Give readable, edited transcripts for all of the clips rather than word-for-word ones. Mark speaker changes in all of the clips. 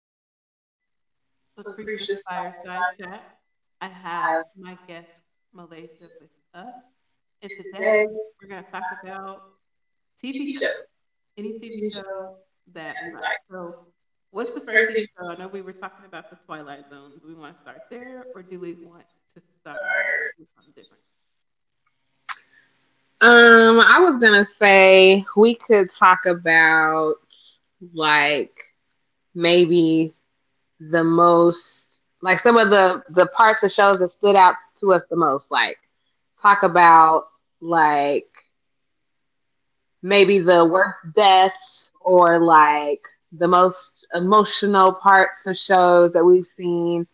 Speaker 1: with
Speaker 2: with
Speaker 1: Lucretia's
Speaker 2: Lucretia Spires.
Speaker 1: Fireside Chat. I have
Speaker 2: I have
Speaker 1: my guest, Malaysia,
Speaker 2: pictures.
Speaker 1: with
Speaker 2: Of.
Speaker 1: us. And
Speaker 2: And
Speaker 1: today
Speaker 2: today,
Speaker 1: we're going to
Speaker 2: I'm
Speaker 1: talk about
Speaker 2: talking TV
Speaker 1: TV shows,
Speaker 2: shows.
Speaker 1: any
Speaker 2: Any TV
Speaker 1: TV show
Speaker 2: shows that
Speaker 1: that
Speaker 2: I
Speaker 1: we like.
Speaker 2: like.
Speaker 1: So, what's
Speaker 2: This
Speaker 1: the
Speaker 2: is the
Speaker 1: first
Speaker 2: first
Speaker 1: TV
Speaker 2: TV show.
Speaker 1: show? I know
Speaker 2: That I'm
Speaker 1: we were
Speaker 2: going
Speaker 1: talking about The Twilight Zone. Do we want to start there or do we want to start with something different?
Speaker 2: I was gonna say we could talk about like maybe the most like some of the parts of shows that stood out to us the most like talk about like maybe the worst deaths or like the most emotional parts of shows that we've seen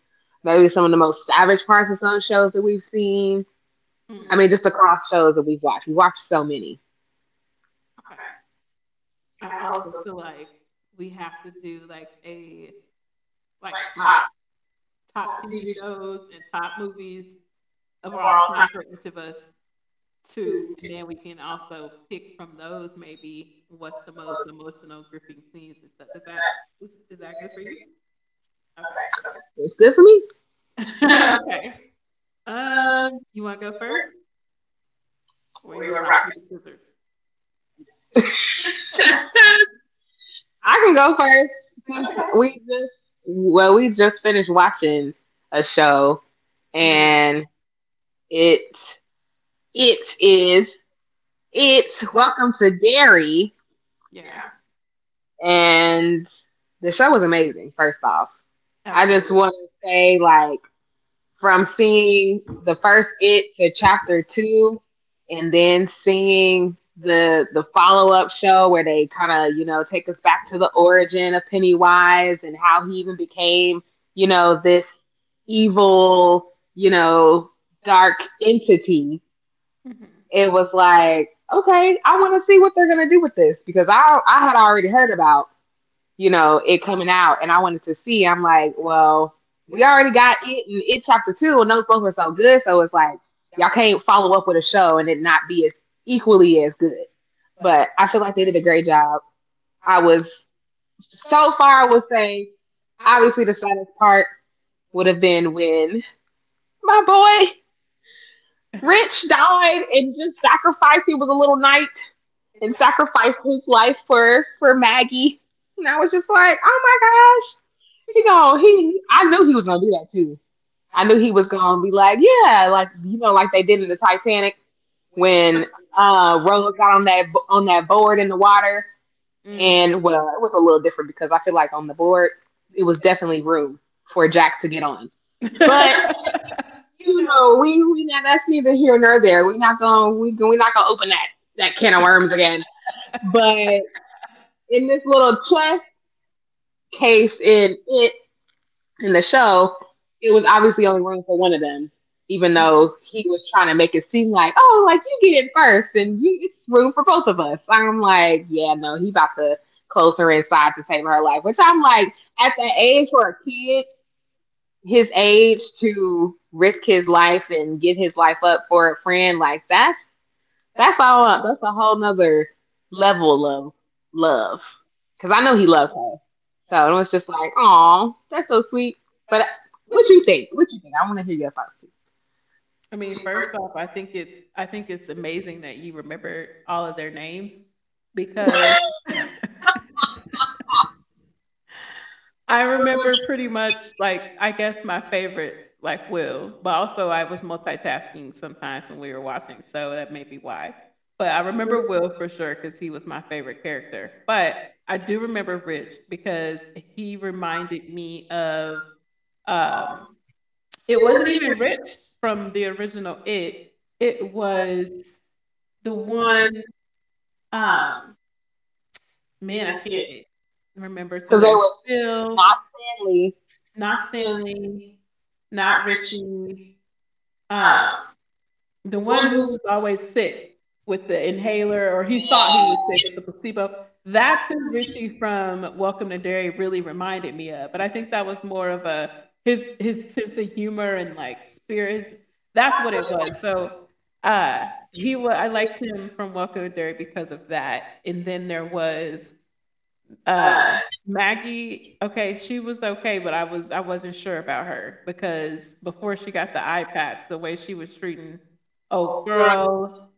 Speaker 2: maybe some of the most savage parts of some shows that we've seen.
Speaker 1: Mm,
Speaker 2: I mean just across shows that we've watched, we watched so many.
Speaker 1: okay. I also feel like we have to do like a like top TV shows and top movies of all time for each of us too. And then we can also pick from those maybe what the most emotional gripping scenes and stuff. Is that is that good for you? Okay.
Speaker 2: Is this me?
Speaker 1: okay. Um,
Speaker 2: Uh,
Speaker 1: you want to go first, or you want to rock paper scissors? I
Speaker 2: I
Speaker 1: can
Speaker 2: can go first
Speaker 1: do it.
Speaker 2: since
Speaker 1: Okay.
Speaker 2: okay we just, well we just finished watching a show,
Speaker 1: Mm,
Speaker 2: and it it is it's Welcome to Dairy,
Speaker 1: yeah,
Speaker 2: and the show was amazing. First off, I
Speaker 1: absolutely.
Speaker 2: just want to say like, from seeing the first it to chapter two, and then seeing the follow up show where they kind of, you know, take us back to the origin of Pennywise and how he even became, you know, this evil, you know, dark entity.
Speaker 1: Mhm.
Speaker 2: It was like, okay, I want to see what they're gonna do with this because I had already heard about, you know, it coming out. And I wanted to see, I'm like, well, we already got it in it chapter two, and those books were so good. So it's like, y'all can't follow up with a show and it not be as equally as good. But I feel like they did a great job. I was, so far, I would say, obviously, the saddest part would have been when my boy Rich died and just sacrificed. He was a little knight and sacrificed his life for Maggie. And I was just like, oh my, he going, he, I knew he was gonna do that too. I knew he was gonna be like, yeah, like you know, like they did in the Titanic when Rose got on that board in the water,
Speaker 1: Mm.
Speaker 2: and well, it was a little different because I feel like on the board it was definitely room for Jack to get on, but you know, we not, that's neither here nor there. We're not gonna, we're not gonna open that can of worms again. But in this little chess case in it in the show, it was obviously only room for one of them, even though he was trying to make it seem like, oh, like you get it first and you, it's room for both of us. I'm like, yeah, no, he about to close her inside to save her life, which I'm like, at that age for a kid, his age to risk his life and give his life up for a friend, like that's all. That's a whole nother level of love. Because I know he loves her. So it was just like, oh, that's so sweet. But what you think? What you think? I want to hear your thoughts too.
Speaker 1: I mean, first off, I think it's amazing that you remembered all of their names because I remember pretty much like I guess my favorites like Will, but also I was multitasking sometimes when we were watching, so that may be why. But I remember Will for sure because he was my favorite character. But I do remember Rich because he reminded me of um, it wasn't even Rich from the original It. It was the one Um, man, I can't e, remember. So
Speaker 2: Because they
Speaker 1: there's
Speaker 2: were
Speaker 1: Bill,
Speaker 2: not family.
Speaker 1: not Stanley, not Richie. Uh, the one who was always sick with the inhaler, or he thought he was sick with the placebo. That's who Richie from Welcome to Dairy really reminded me of. But I think that was more of a his sense of humor and like spirits. That's what it was. So uh he was I liked him from Welcome to Dairy because of that. And then there was Uh, Maggie, okay, she was okay, but I wasn't sure about her because before she got the eye patch, the way she was treating old girl,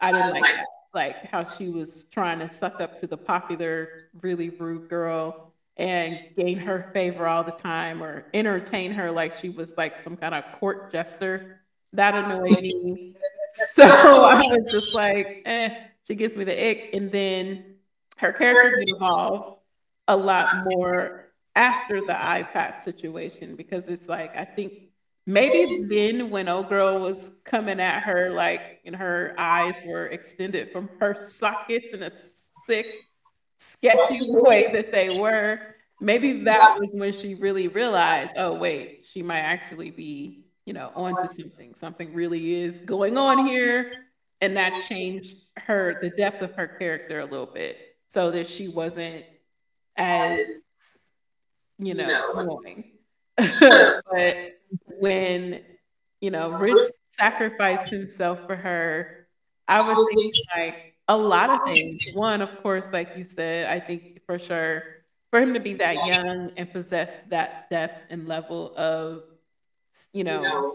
Speaker 1: I didn't like that. Like how she was trying to suck up to the popular, really rude girl and gain her favor all the time or entertain her like she was like some kind of court jester. That annoyed me. So I was just like, eh, she gives me the ick. And then her character did evolve a lot more after the iPad situation because it's like I think maybe then when old girl was coming at her like and her eyes were extended from her sockets in a sick, sketchy way that they were, maybe that was when she really realized, oh wait, she might actually be, you know, onto something. Something really is going on here. And that changed her the depth of her character a little bit so that she wasn't as, you know, annoying. But when, you know, Rich sacrificed himself for her, I was thinking, like, a lot of things. One, of course, like you said, I think for sure, for him to be that young and possess that depth and level of, you know,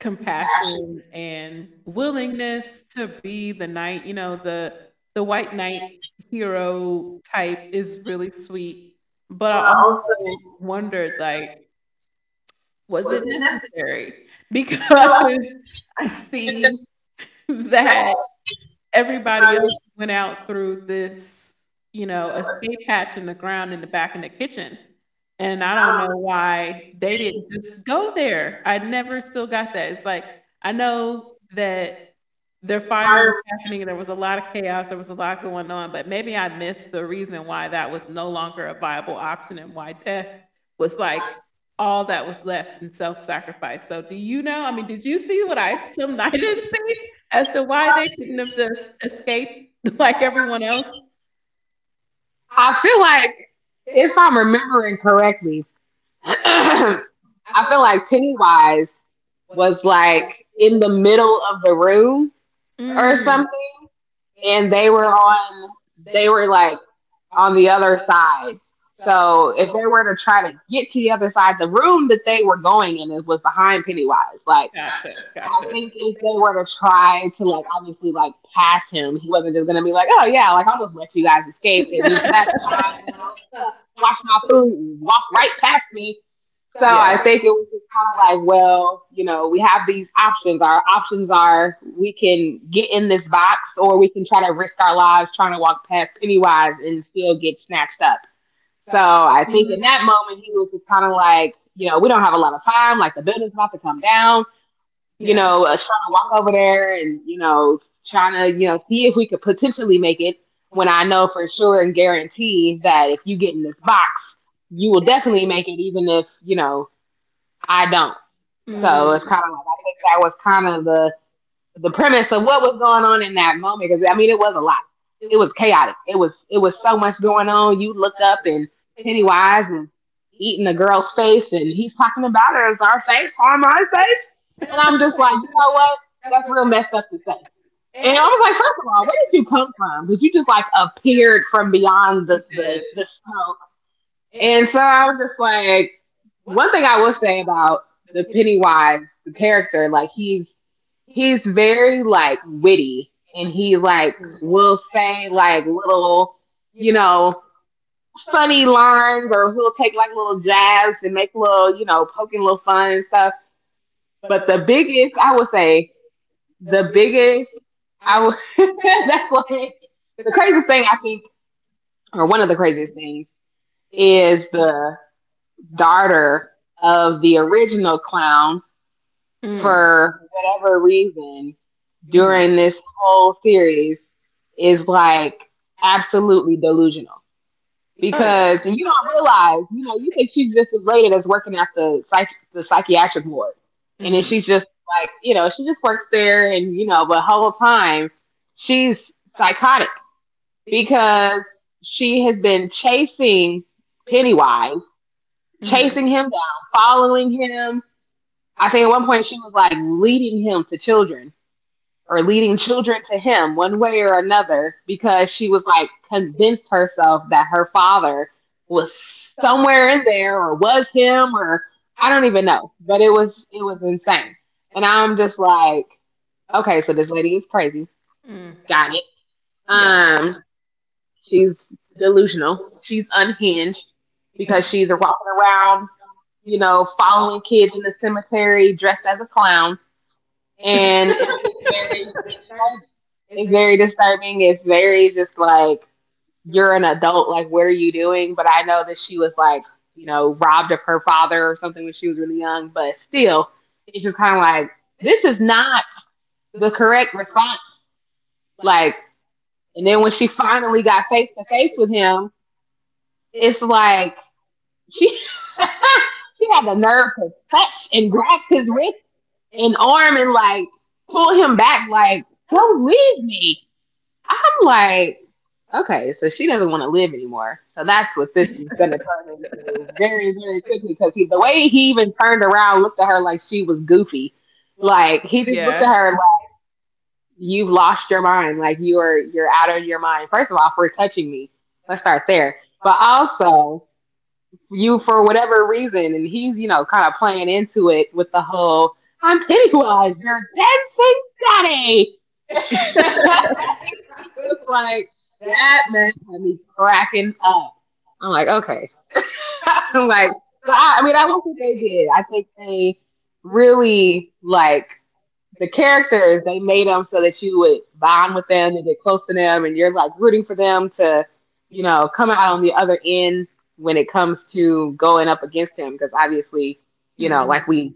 Speaker 1: compassion and willingness to be the knight, you know, the white knight hero type is really sweet. But I also wondered like was it necessary? Because I see that everybody else went out through this, you know, escape hatch in the ground in the back in the kitchen, and I don't know why they didn't just go there. I never still got that. It's like, I know that their fire was happening and there was a lot of chaos, there was a lot going on, but maybe I missed the reason why that was no longer a viable option and why death was, like, all that was left in self-sacrifice. So do you know I mean, did you see what I something I didn't see? As to why they couldn't have just escaped like everyone else?
Speaker 2: I feel like, if I'm remembering correctly, I feel like Pennywise was like in the middle of the room or
Speaker 1: Mm,
Speaker 2: something, and they were on. They were like on the other side. So if they were to try to get to the other side, the room that they were going in is, was behind Pennywise. Like
Speaker 1: gotcha,
Speaker 2: gotcha.
Speaker 1: I
Speaker 2: I
Speaker 1: gotcha.
Speaker 2: think if they were to try to like obviously like pass him, he wasn't just gonna be like, oh yeah, like I'll just let you guys
Speaker 1: Were.
Speaker 2: escape and that's fine. You know, wash my food, and walk right past me. So
Speaker 1: Yeah.
Speaker 2: I
Speaker 1: It-
Speaker 2: think it was like, well, you know, we have these options. Our options are we can get in this box or we can try to risk our lives trying to walk past Pennywise and still get snatched up. So I think
Speaker 1: Mm.
Speaker 2: in that moment, he was just kind of like, you know, we don't have a lot of time. Like the building's about to come down. You
Speaker 1: Yeah.
Speaker 2: know, trying to walk over there and, you know, trying to, you know, see if we could potentially make it, when I know for sure and guarantee that if you get in this box, you will definitely make it even if, you know, I don't. So it's
Speaker 1: Mm,
Speaker 2: kind of like, I think that was kind of the premise of what was going on in that moment. Because I mean, it was a lot. It was chaotic. It was, it was so much going on. You look up and Pennywise and eating the girl's face, and he's talking about her as our face, our my face. And I'm just like, you know what? That's real messed up to say. And I was like, first of all, where did you come from? Because you just like appeared from beyond
Speaker 1: he
Speaker 2: the, the,
Speaker 1: did.
Speaker 2: the smoke. And so I was just like, one thing I will say about the Pennywise, the character, like he's very like witty, and he like
Speaker 1: Mm,
Speaker 2: will say like little, you know, funny lines, or he'll take like little jabs and make little, you know, poking little fun and stuff. But the biggest, I would say the biggest, I would, that's what, the craziest thing I think, or one of the craziest things, is the daughter of the original clown,
Speaker 1: mm, for
Speaker 2: for whatever reason,
Speaker 1: mhm. Jordan Oh,
Speaker 2: during this whole series, is like absolutely delusional
Speaker 1: yeah.
Speaker 2: because, and you don't realize, you know, you think she's just as lady that's working at the psychiatric ward, and then
Speaker 1: Mhm,
Speaker 2: she's just like, you know, she just works there, and you know, the whole time she's psychotic because she has been chasing Pennywise,
Speaker 1: mhm,
Speaker 2: chasing him down, following him. I think at one point she was like leading him to children or leading children to him one way or another because she was like convinced herself that her father was somewhere in there or was him or I don't even know. But it was, it was insane. And I'm just like, okay, so this lady is crazy.
Speaker 1: mm.
Speaker 2: Got
Speaker 1: It.
Speaker 2: it.
Speaker 1: Yeah,
Speaker 2: Um she's delusional. She's unhinged because she's walking around, you know, following kids in the cemetery dressed as a clown. And it's just very, it's very disturbing. It's very just like, you're an adult. Like, what are you doing? But I know that she was like, you know, robbed of her father or something when she was really young. But still, it's just kind of like, this is not the correct response. Like, and then when she finally got face to face with him, it's like she she had the nerve to touch and grasp his wrist and arm and like pull him back. Like, don't leave me. I'm like, okay, so she doesn't want to live anymore. So that's what this is going to turn into very, very quickly because he, the way he even turned around looked at her like she was goofy. Like he just looked
Speaker 1: yeah.
Speaker 2: at her like, you've lost your mind. Like you're out of your mind. First of all, for touching me, let's start there. But also, you for whatever reason, and he's you know kind of playing into it with the whole "I'm Pennywise, you're dancing daddy." Was like, that man had me cracking up. I'm like, okay. I'm like, so I mean, I like what they did. I think they really like, the characters they made them so that you would bond with them and get close to them, and you're like rooting for them to, you know, come out on the other end when it comes to going up against him because obviously, you know, like
Speaker 1: Mhm,
Speaker 2: we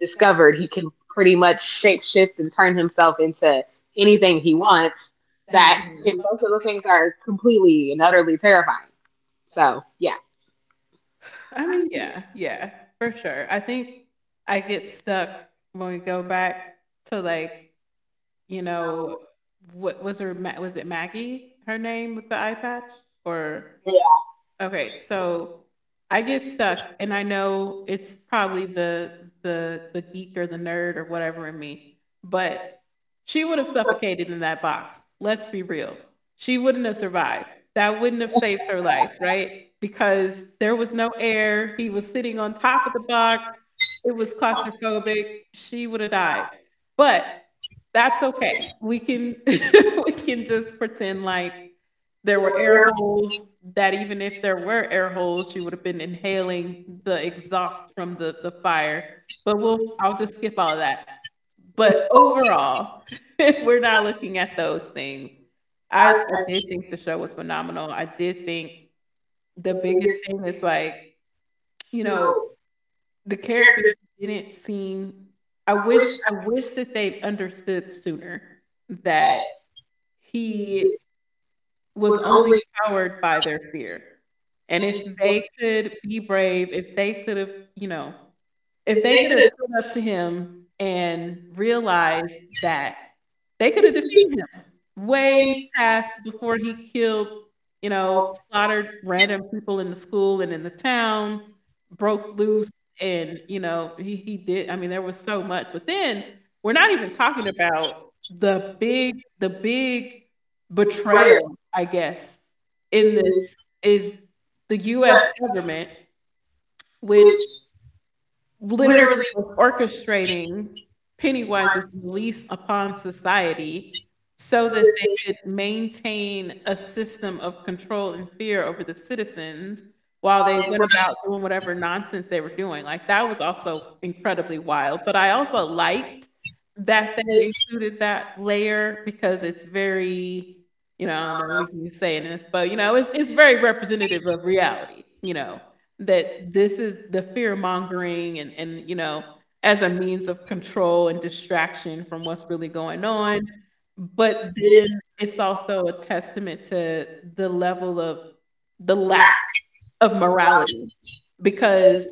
Speaker 2: discovered, he can pretty much shapeshift and turn himself into anything he wants. That and
Speaker 1: mhm.
Speaker 2: both of the things are completely and utterly terrifying. So yeah.
Speaker 1: I mean, yeah, yeah, for sure. I think I get stuck when we go back to like you know, what was her Ma was it Maggie, her name with the eye patch? Or
Speaker 2: Yeah.
Speaker 1: okay, so I get stuck and I know it's probably the geek or the nerd or whatever in me, but she would have suffocated in that box. Let's be real. She wouldn't have survived. That wouldn't have saved her life, right? Because there was no air. He was sitting on top of the box. It was claustrophobic. She would have died. But that's okay. We can we can just pretend like there were air holes that even if there were air holes, she would have been inhaling the exhaust from the fire. But we'll I'll just skip all of that. But overall, if we're not looking at those things, I did think the show was phenomenal. I did think the biggest thing is like, you know, the characters didn't seem I wish that they'd understood sooner that he was only powered by their fear. And if they could be brave, if they could have, you know, if they could have stood up to him and realized that, they could have defeated him way past before he killed, you know, slaughtered random people in the school and in the town, broke loose, and you know, he did. I mean, there was so much, but then we're not even talking about the big betrayal, I guess, in this is the U.S. government, which literally was orchestrating Pennywise's release upon society so that they could maintain a system of control and fear over the citizens while they went about doing whatever nonsense they were doing. Like that was also incredibly wild. But I also liked that they included that layer because it's very, you know, I don't know what we can say in this, but you know, it's very representative of reality, you know that this is the fear mongering and you know as a means of control and distraction from what's really going on but then it's also a testament to the level of the lack of morality because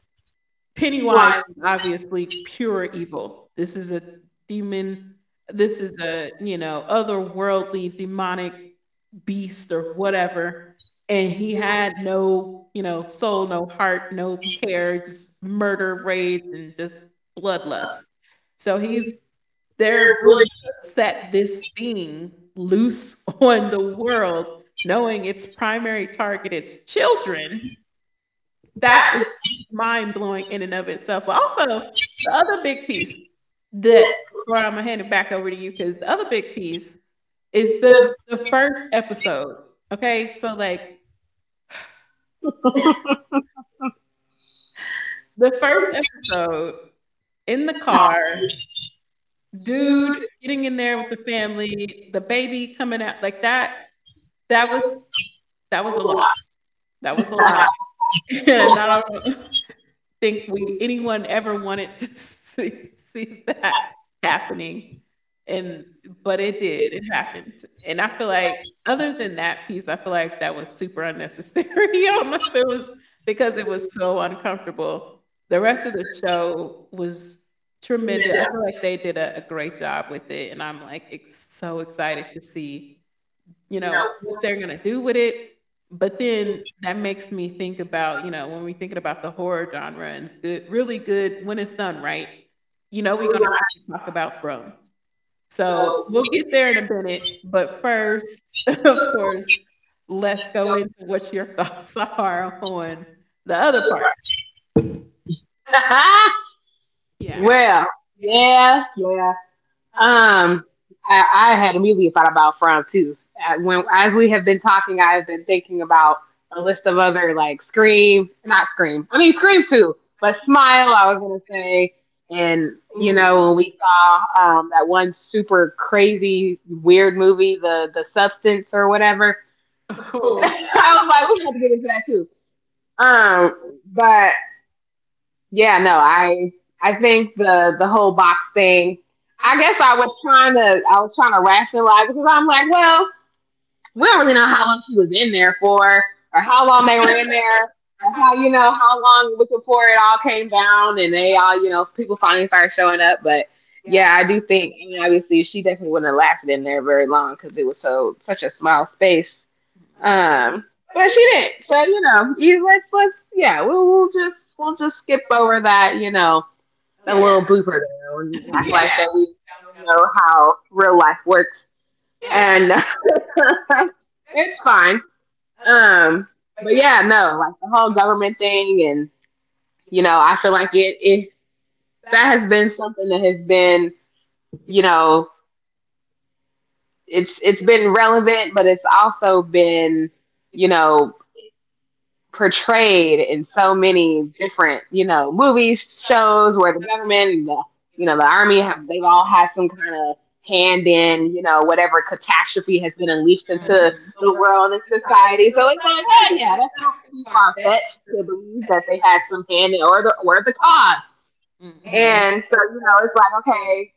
Speaker 1: Pennywise was obviously pure evil. This is a demon. This is a, you know, otherworldly demonic beast or whatever. And he had no, you know, soul, no heart, no care, just murder, rage, and just bloodlust. So he's there really to set this thing loose on the world, knowing its primary target is children that is mind blowing in and of itself, but also the other big piece that before Imma hand it back over to you, because the other big piece is the first episode, okay? So, like, the first episode, in the car, dude
Speaker 2: Jude,
Speaker 1: getting in there with the family, the baby coming out, like, that was that was a lot. That was a lot, and I don't think we anyone ever wanted to see, see that happening and but it did it happened and I feel like other than that piece I feel like that was super unnecessary I don't know if it was because it was so uncomfortable the rest of the show was tremendous I feel like they did a great job with it and I'm like ex- so excited to see you know, what they're gonna do with it. But then that makes me think about, you know, when we're thinking about the horror genre and good, really good when it's done right, you know, we're gonna have to talk about Throne. So we'll get there in a minute, but first, of course, let's go into what your thoughts are on the other part. Yeah. Right.
Speaker 2: well, yeah. Um, I had immediately thought about Fran too. When as we have been talking, I've been thinking about a list of other like Scream, not Scream. I mean Scream too, but Smile. I was gonna say, and you know when we saw that one super crazy weird movie, the Substance or whatever. I
Speaker 1: Oh
Speaker 2: was like, we have to get into that too. But yeah, no, I think the whole box thing. I guess I was trying to, I was trying to rationalize because I'm like, well, we don't really know how long she was in there for, or how long they were in there, or how, you know, how long it was before it all came down and they all, you know, people finally started showing up. But yeah, I do think, I mean obviously she definitely wouldn't have lasted in there very long because it was so such a small space.
Speaker 1: yeah.
Speaker 2: Um, but she didn't. So you know, you let's yeah, we'll just skip over that. You know,
Speaker 1: Mhm.
Speaker 2: that
Speaker 1: Yeah. Oh,
Speaker 2: little blooper there and act
Speaker 1: yeah.
Speaker 2: like
Speaker 1: Yeah.
Speaker 2: that we don't know how real life works,
Speaker 1: Yeah.
Speaker 2: and it's fine. Um, but yeah, no, like the whole government thing, and you know, I feel like it that has been something that has been you know it's been relevant, but it's also been you know portrayed in so many different, you know, movies, shows where the government and the, you know, the army have, they all have some kind of hand in, you know, whatever catastrophe has been unleashed into the
Speaker 1: Mm-hmm.
Speaker 2: world and society. So it's like, oh yeah, that's not too far fetched to believe that they had some hand in or the cause. And so, you know, it's like, okay,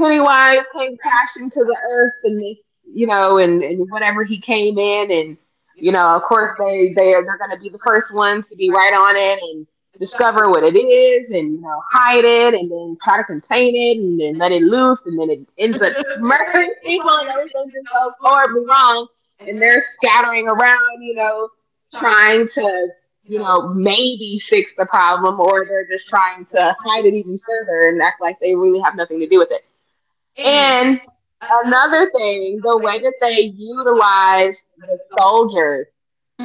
Speaker 2: Pennywise came crashing to the earth and this, you know, and whatever he came in and you know, of course they are they're gonna be the first ones to be right on it and discover what it is and you know, hide it and then try to contain it and then let it loose and then it ends up murdering people and everything just goes horribly wrong and they're scattering around, you know, trying to you know, maybe fix the problem, or they're just trying to hide it even further and act like they really have nothing to do with it, and another thing, the way that they utilized the soldiers,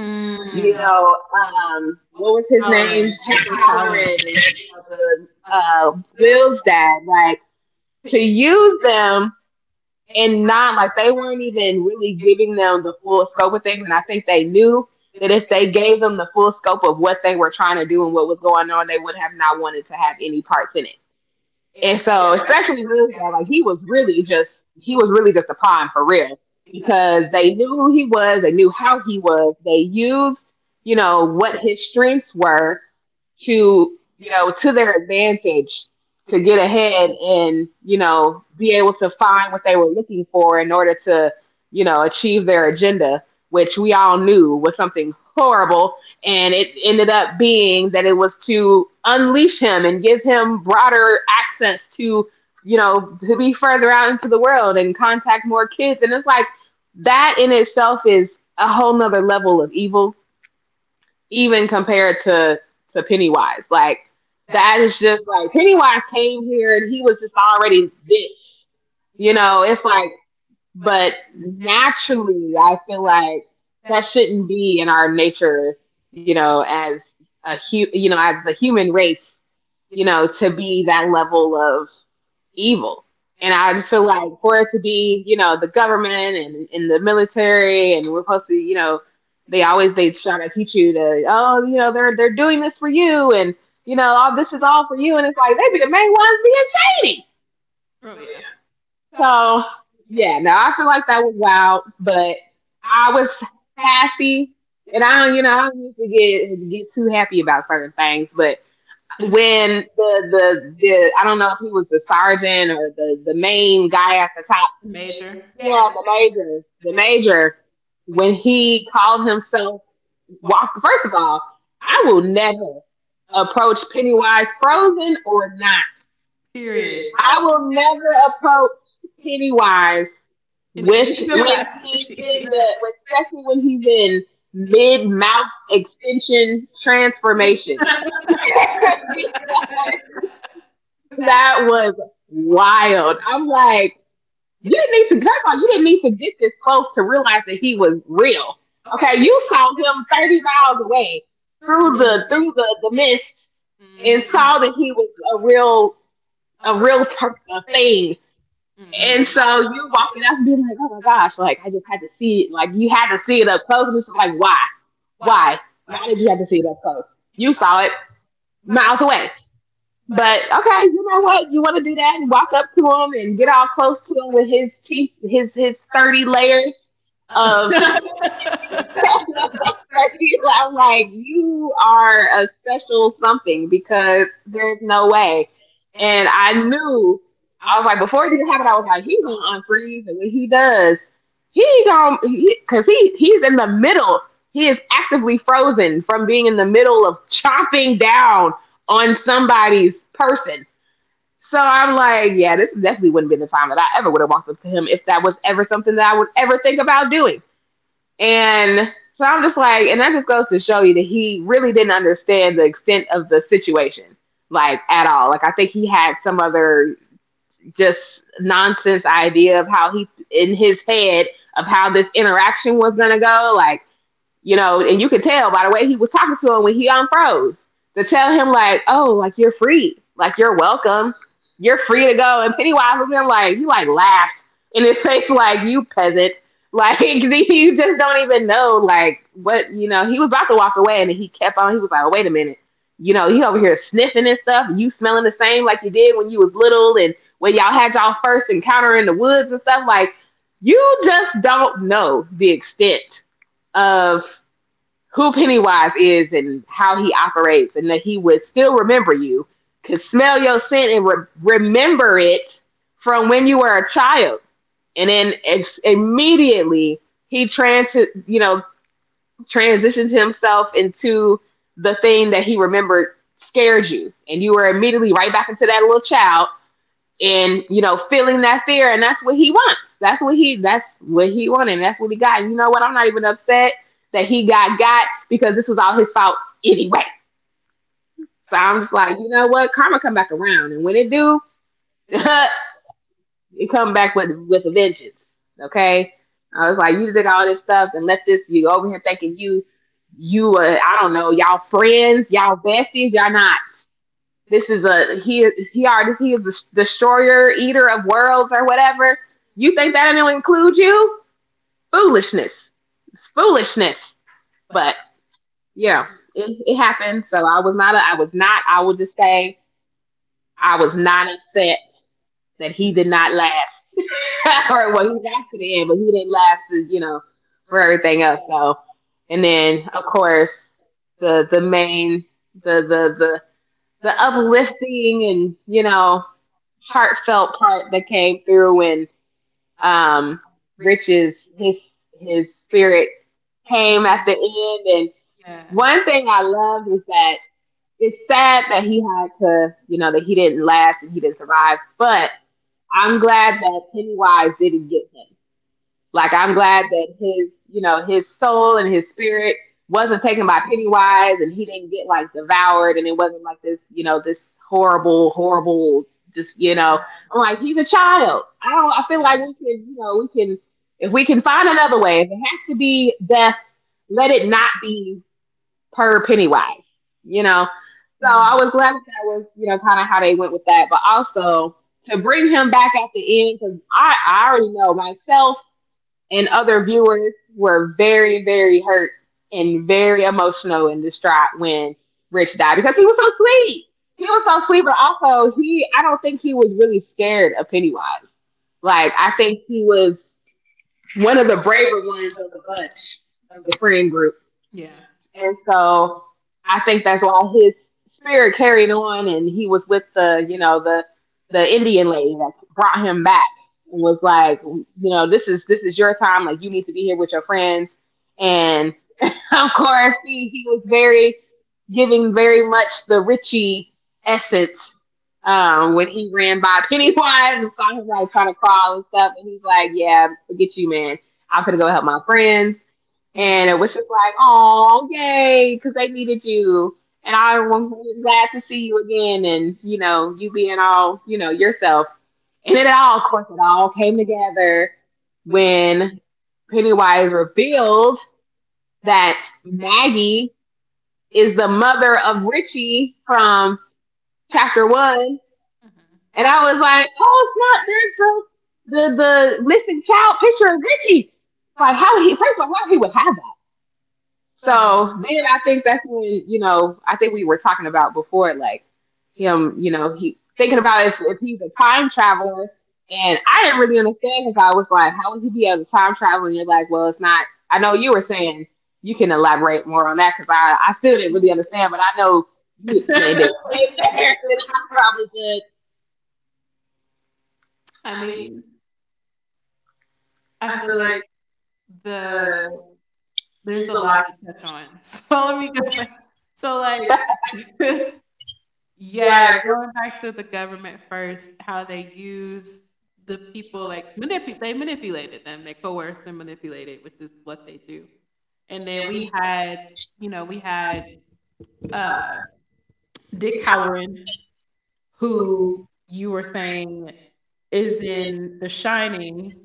Speaker 1: Mm.
Speaker 2: Mm, you know, what was his name?
Speaker 1: Empowering,
Speaker 2: Pat Halloran
Speaker 1: empowering.
Speaker 2: and uh, Will's dad, like to use them, and not like they weren't even really giving them the full scope of things. And I think they knew that if they gave them the full scope of what they were trying to do and what was going on, they would have not wanted to have any parts in it. And so,
Speaker 1: Yeah.
Speaker 2: especially this guy, like he was really just a pawn for real because they knew who he was, they knew how he was, they used you know what his strengths were, to you know to their advantage to get ahead and you know be able to find what they were looking for in order to you know achieve their agenda, which we all knew was something horrible, and it ended up being that it was to unleash him and give him broader access to you know to be further out into the world and contact more kids, and it's like that in itself is a whole nother level of evil even compared to Pennywise. Like that is just like Pennywise came here and he was just already this. You know, it's like but naturally I feel like that shouldn't be in our nature, you know, as a you know, as the human race, you know, to be that level of evil. And I just feel like for it to be, you know, the government and the military, and we're supposed to, you know, they try to teach you to, oh, you know, they're doing this for you, and you know, all this is all for you, and it's like they be the main ones being shady.
Speaker 1: Oh, yeah.
Speaker 2: So yeah, no, I feel like that was wild, but I was happy, and I don't, you know, I don't usually get too happy about certain things, but when the I don't know if he was the sergeant or the main guy at the top. The major.
Speaker 1: Major.
Speaker 2: Yeah, the major. When he called himself walk. First of all, I will never approach Pennywise, frozen or not.
Speaker 1: Period.
Speaker 2: I will never approach Pennywise
Speaker 1: In
Speaker 2: with
Speaker 1: any
Speaker 2: when
Speaker 1: capacity.
Speaker 2: he's in
Speaker 1: Capacity.
Speaker 2: the, especially when he's in mid mouth extension transformation. Because that was wild. I'm like, you didn't need to, first of all, you didn't need to get this close to realize that he was real. Okay, you saw him 30 miles away through
Speaker 1: Mm.
Speaker 2: the
Speaker 1: The,
Speaker 2: the mist and
Speaker 1: mm-hmm.
Speaker 2: saw
Speaker 1: Mhm.
Speaker 2: that he was a real a a thing. And so
Speaker 1: Was
Speaker 2: you walking up and being like, oh my gosh, like I just had to see it. Like you had to see it up close. And it's like, why? Why? Why did you have to see it up close? You saw it miles away. But okay, you know what? You want to do that and walk up to him and get all close to him with his teeth, his 30 layers of.
Speaker 1: mhm. So
Speaker 2: I'm like, you are a special something because there's no way. And I knew I was like, before it even happened, I was like, he's gonna unfreeze, and when he does, he gonna because he's in the middle. He is actively frozen from being in the middle of chopping down on somebody's person, so I'm like, yeah, this definitely wouldn't be the time that I ever would have walked up to him if that was ever something that I would ever think about doing. And so I'm just like, and that just goes to show you that he really didn't understand the extent of the situation, like at all. Like I think he had some other just nonsense idea of how he in his head of how this interaction was gonna go. Like you know, and you could tell by the way he was talking to him when he unfroze, to tell him like, oh, like you're free, like you're welcome, you're free to go. And Pennywise was in like, he like laughed in his face like, you peasant, like you just don't even know like what you know. He was about to walk away and he kept on. He was like, oh, wait a minute, you know, he over here sniffing and stuff, and you smelling the same like you did when you was little and when y'all had y'all first encounter in the woods and stuff like. You just don't know the extent of who Pennywise is and how he operates, and that he would still remember you, could smell your scent and remember it from when you were a child. And then it's immediately he you know, transitions himself into the thing that he remembered scared you, and you were immediately right back into that little child, and you know feeling that fear, and that's what he wants, that's what he wanted, and that's what he got. And you know what, I'm not even upset that he got because this was all his fault anyway. So I'm just like, you know what, karma come back around, and when it do it come back with a vengeance, okay. I was like, you did all this stuff and let this, you over here thinking you you I don't know, y'all friends, y'all besties, y'all not. This is a he. He already he is the destroyer, eater of worlds, or whatever. You think that didn't include you? Foolishness. It's foolishness. But yeah, it happened. So I was not. A, I was not. I will just say I was not upset that he did not last. Or well, he lasted to the end, but he didn't last. You know, for everything else. So, and then of course the main the the the the uplifting and you know heartfelt part that came through when um, Rich's his spirit came at the end. And
Speaker 1: yeah.
Speaker 2: one thing I love is that it's sad that he had to, you know, that he didn't last and he didn't survive. But I'm glad that Pennywise didn't get him, like I'm glad that his, you know, his soul and his spirit wasn't taken by Pennywise and he didn't get like devoured, and it wasn't like this, you know, this horrible, horrible just, you
Speaker 1: Yeah,
Speaker 2: know. I'm like, he's a child. I don't I feel
Speaker 1: yeah.
Speaker 2: like we can, you know, we can if we can find another way, if it has to be death, let it not be per Pennywise, you know. So I was glad that, that was, you know, kind of how they went with that. But also to bring him back at the end, because I already know myself and other viewers were very, very hurt and very emotional and distraught when Rich died because he was so sweet. He was so sweet, but also he I don't think he was really scared of Pennywise. Like I think he was one of the braver ones of the bunch of the friend group.
Speaker 1: Yeah.
Speaker 2: Yeah. And so I think that's why his spirit carried on, and he was with the, you know, the Indian lady that brought him back and was like, you know, this is your time, like you need to be here with your friends. And of course he was very giving, very much the Richie essence, when he ran by Pennywise and saw him like trying to crawl and stuff, and he's like, "Yeah, forget you, man. I'm gonna go help my friends." And it was just like, "Oh, yay! Because they needed you." And I was glad to see you again, and you know, you being all, you know, yourself. And it all, of course, it all came together when Pennywise revealed that Maggie is the mother of Richie from chapter one. And I was like, oh, it's not. There's the missing child picture of Richie. Like, how would he? First of all, how he would have that? So then I think that's when, you know, I think we were talking about before, like him, you know, he thinking about if he's a time traveler. And I didn't really understand because I was like, how would he be able to time travel? And you're like, well, it's not. I know you were saying you can elaborate more on that because I still didn't really understand, but I know you explained it way better than I probably did.
Speaker 1: I mean, I feel like the there's a lot to touch on. So let me go back. So like yeah, going back to the government first, how they use the people like manipulate they manipulated them, they coerced and manipulated, which is what they do. And then we had, you know, we had uh Dick Halloran who you were saying is in The Shining,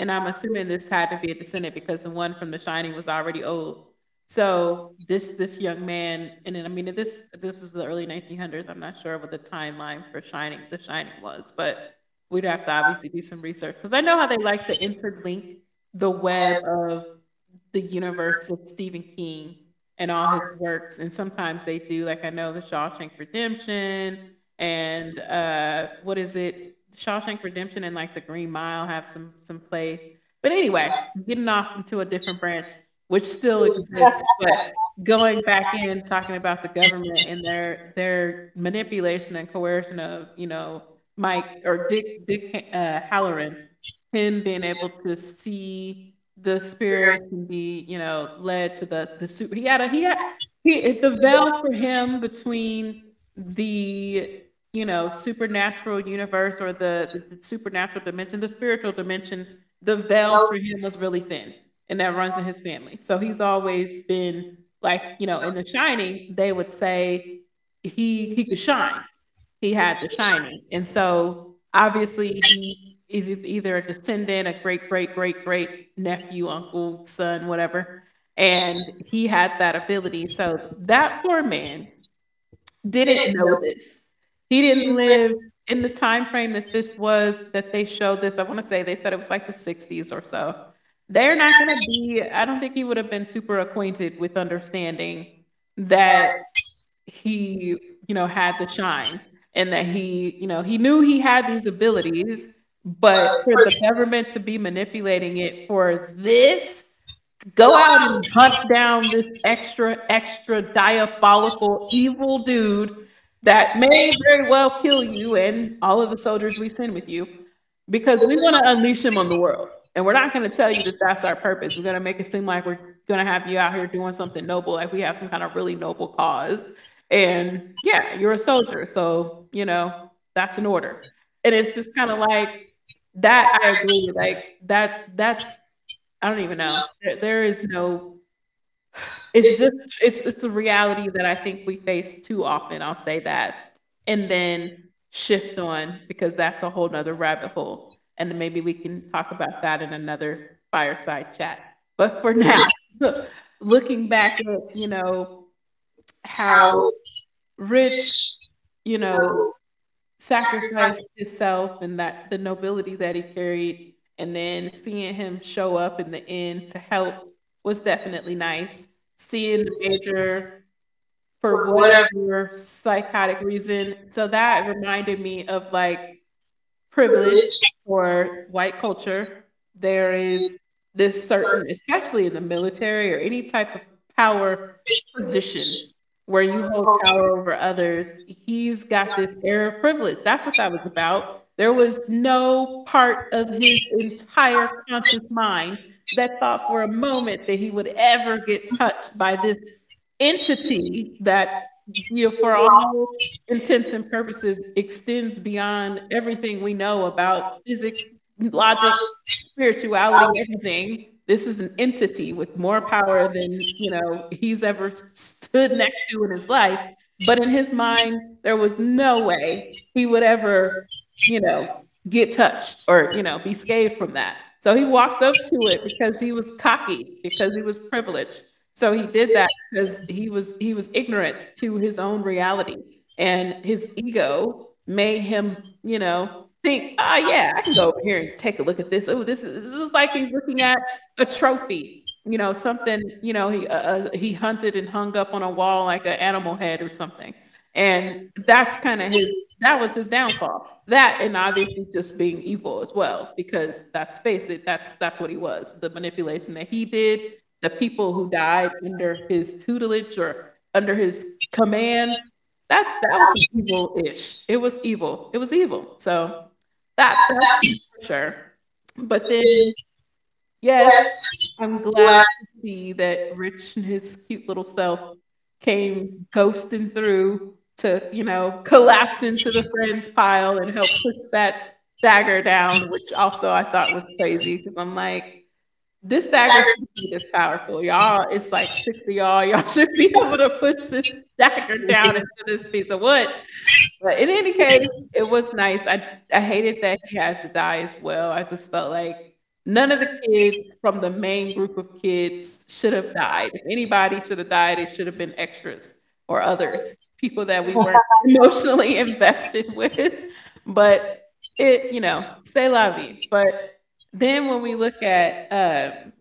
Speaker 1: and I'm assuming this had to be a descendant because the one from The Shining was already old. So this young man, and then I mean this was the early 1900s. I'm not sure what the timeline for Shining The Shining was, but we'd have to obviously do some research because I know how they like to interlink the web of the universe of Stephen King and all his works. And sometimes they do, like I know the Shawshank Redemption and what is it? Shawshank Redemption and like the Green Mile have some play. But anyway, getting off into a different branch, which still exists, but going back in talking about the government and their manipulation and coercion of you know Mike or Dick Halloran, him being able to see the spirit can be, you know, led to the super. He had a he had he the veil for him between the you know supernatural universe or the supernatural dimension, the spiritual dimension. The veil for him was really thin, and that runs in his family. So he's always been like you know in The Shining, they would say he could shine he had The Shining, and so obviously he is either a descendant, a great great great great nephew, uncle, son, whatever, and he had that ability. So that poor man didn't know
Speaker 2: No,
Speaker 1: this. He didn't live in the time frame that this was that they showed this. I want to say they said it was like the '60s or so. They're not going to be. I don't think he would have been super acquainted with understanding that he, you know, had the shine and that he, you know, he knew he had these abilities, but for the government to be manipulating it for this. Go out and hunt down this extra, extra diabolical evil dude that may very well kill you and all of the soldiers we send with you because we want to unleash him on the world. And we're not going to tell you that that's our purpose. We're going to make it seem like we're going to have you out here doing something noble, like we have some kind of really noble cause. And yeah, you're a soldier. So, you know, that's an order. And it's just kind of like that. I agree. Like that's I don't even know. There is no it's just it's a reality that I think we face too often, I'll say that, and then shift on because that's a whole 'nother rabbit hole, and then maybe we can talk about that in another fireside chat. But for now, looking back at, you know, how rich, you know, sacrificed himself and that the nobility that he carried, and then seeing him show up in the end to help was definitely nice. Seeing the major for whatever psychotic reason, so that reminded me of like privilege or white culture, there is this certain, especially in the military or any type of power position where you hold power over others, he's got this air of privilege. That's what that was about. There was no part of his entire conscious mind that thought for a moment that he would ever get touched by this entity that, you know, for all intents and purposes extends beyond everything we know about physics, logic, spirituality, everything. This is an entity with more power than you know he's ever stood next to in his life. But in his mind, there was no way he would ever, you know, get touched or you know be scathed from that. So he walked up to it because he was cocky, because he was privileged. So he did that because he was ignorant to his own reality and his ego made him you know think, oh yeah, I can go over here and take a look at this. Oh, this is like he's looking at a trophy, you know, something, you know, he hunted and hung up on a wall like an animal head or something, and that's kind of his that was his downfall. That and obviously just being evil as well, because that's, us face it, that's what he was, the manipulation that he did, the people who died under his tutelage or under his command. That was evil ish. It was evil. It was evil. So that's for sure. But then yes, I'm glad to see that Rich and his cute little self came ghosting through to, you know, collapse into the friends pile and help push that dagger down, which also I thought was crazy because I'm like, this dagger should be this powerful, y'all. It's like six of y'all. Y'all should be able to push this dagger down into this piece of wood. But in any case, it was nice. I hated that he had to die as well. I just felt like none of the kids from the main group of kids should have died. If anybody should have died, it should have been extras or others, people that we weren't emotionally invested with. But it, you know, say la vie. But then when we look at um,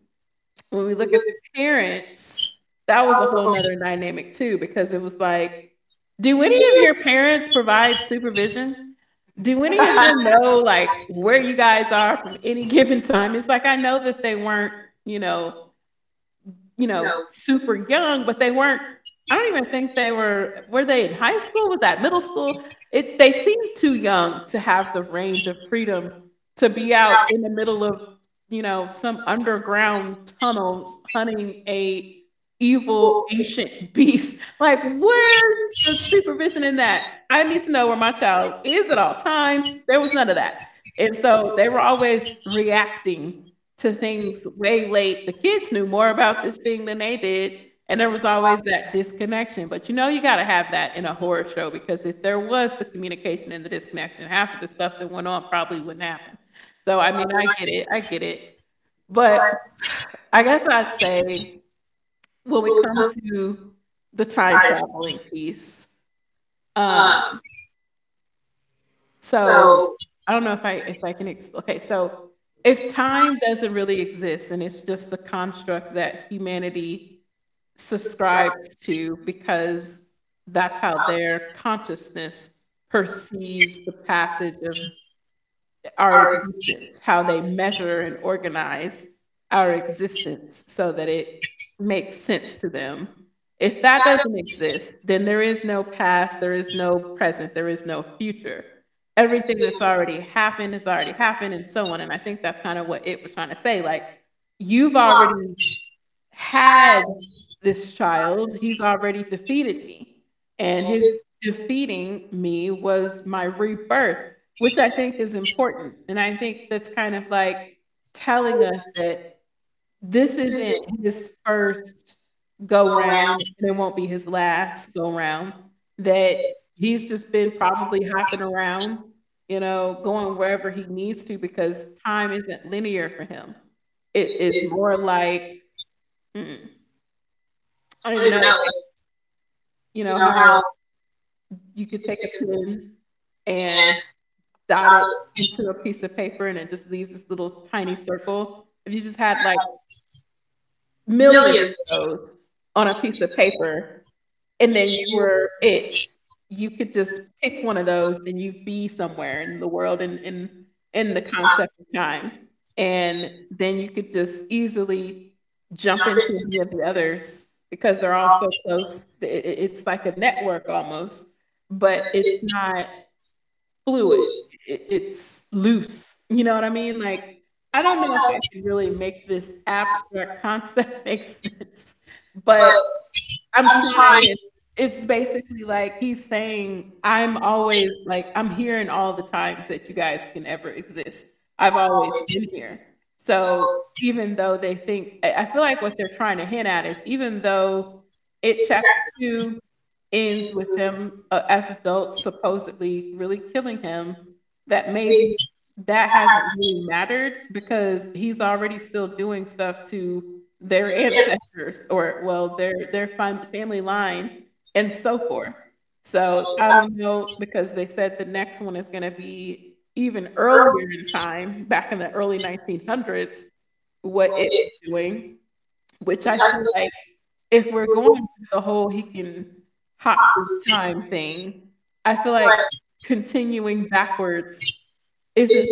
Speaker 1: when we look at the parents, that was a whole nother dynamic too, because it was like, do any of your parents provide supervision? Do any of them know like where you guys are from any given time? It's like I know that they weren't, you know, you know, super young, but they weren't. I don't even think they were. Were they in high school? Was that middle school? It they seemed too young to have the range of freedom to be out in the middle of you know some underground tunnels hunting a evil ancient beast. Like, where's the supervision in that? I need to know where my child is at all times. There was none of that. And so they were always reacting to things way late. The kids knew more about this thing than they did. And there was always that disconnection. But you know, you got to have that in a horror show because if there was the communication and the disconnection, half of the stuff that went on probably wouldn't happen. So, I mean, I get it. I get it. But I guess I'd say when we come to the time traveling piece, um, so, I don't know if I can ex okay, so if time doesn't really exist and it's just the construct that humanity subscribes to because that's how their consciousness perceives the passage of our existence, how they measure and organize our existence so that it makes sense to them. If that doesn't exist, then there is no past, there is no present, there is no future. Everything that's already happened has already happened, and so on. And I think that's kind of what it was trying to say. Like, you've already had this child, he's already defeated me. And his defeating me was my rebirth, which I think is important. And I think that's kind of like telling us that this isn't his first go round and it won't be his last go round, that he's just been probably hopping around, you know, going wherever he needs to because time isn't linear for him. It is more like, mm, I don't even know, like, you know, how you could take a pen and dot it into a piece of paper and it just leaves this little tiny circle. If you just had like millions of those on a piece of paper, and then you were it. You could just pick one of those and you'd be somewhere in the world and in the concept of time. And then you could just easily jump into any of the others because they're all so close. It's like a network almost, but it's not fluid. It's loose, you know what I mean? Like, I don't know if I can really make this abstract concept make sense, but I'm trying. It's basically like he's saying, I'm always like, I'm here in all the times that you guys can ever exist. I've always been here. So even though they think, I feel like what they're trying to hint at is even though it chapter two ends with him as adults supposedly really killing him, that maybe that hasn't really mattered because he's already still doing stuff to their ancestors, or well, family line and so forth. So I don't know, because they said the next one is going to be even earlier in time back in the early 1900s, what it was doing, which I feel like if we're going with the whole he can hop through time thing, I feel like continuing backwards isn't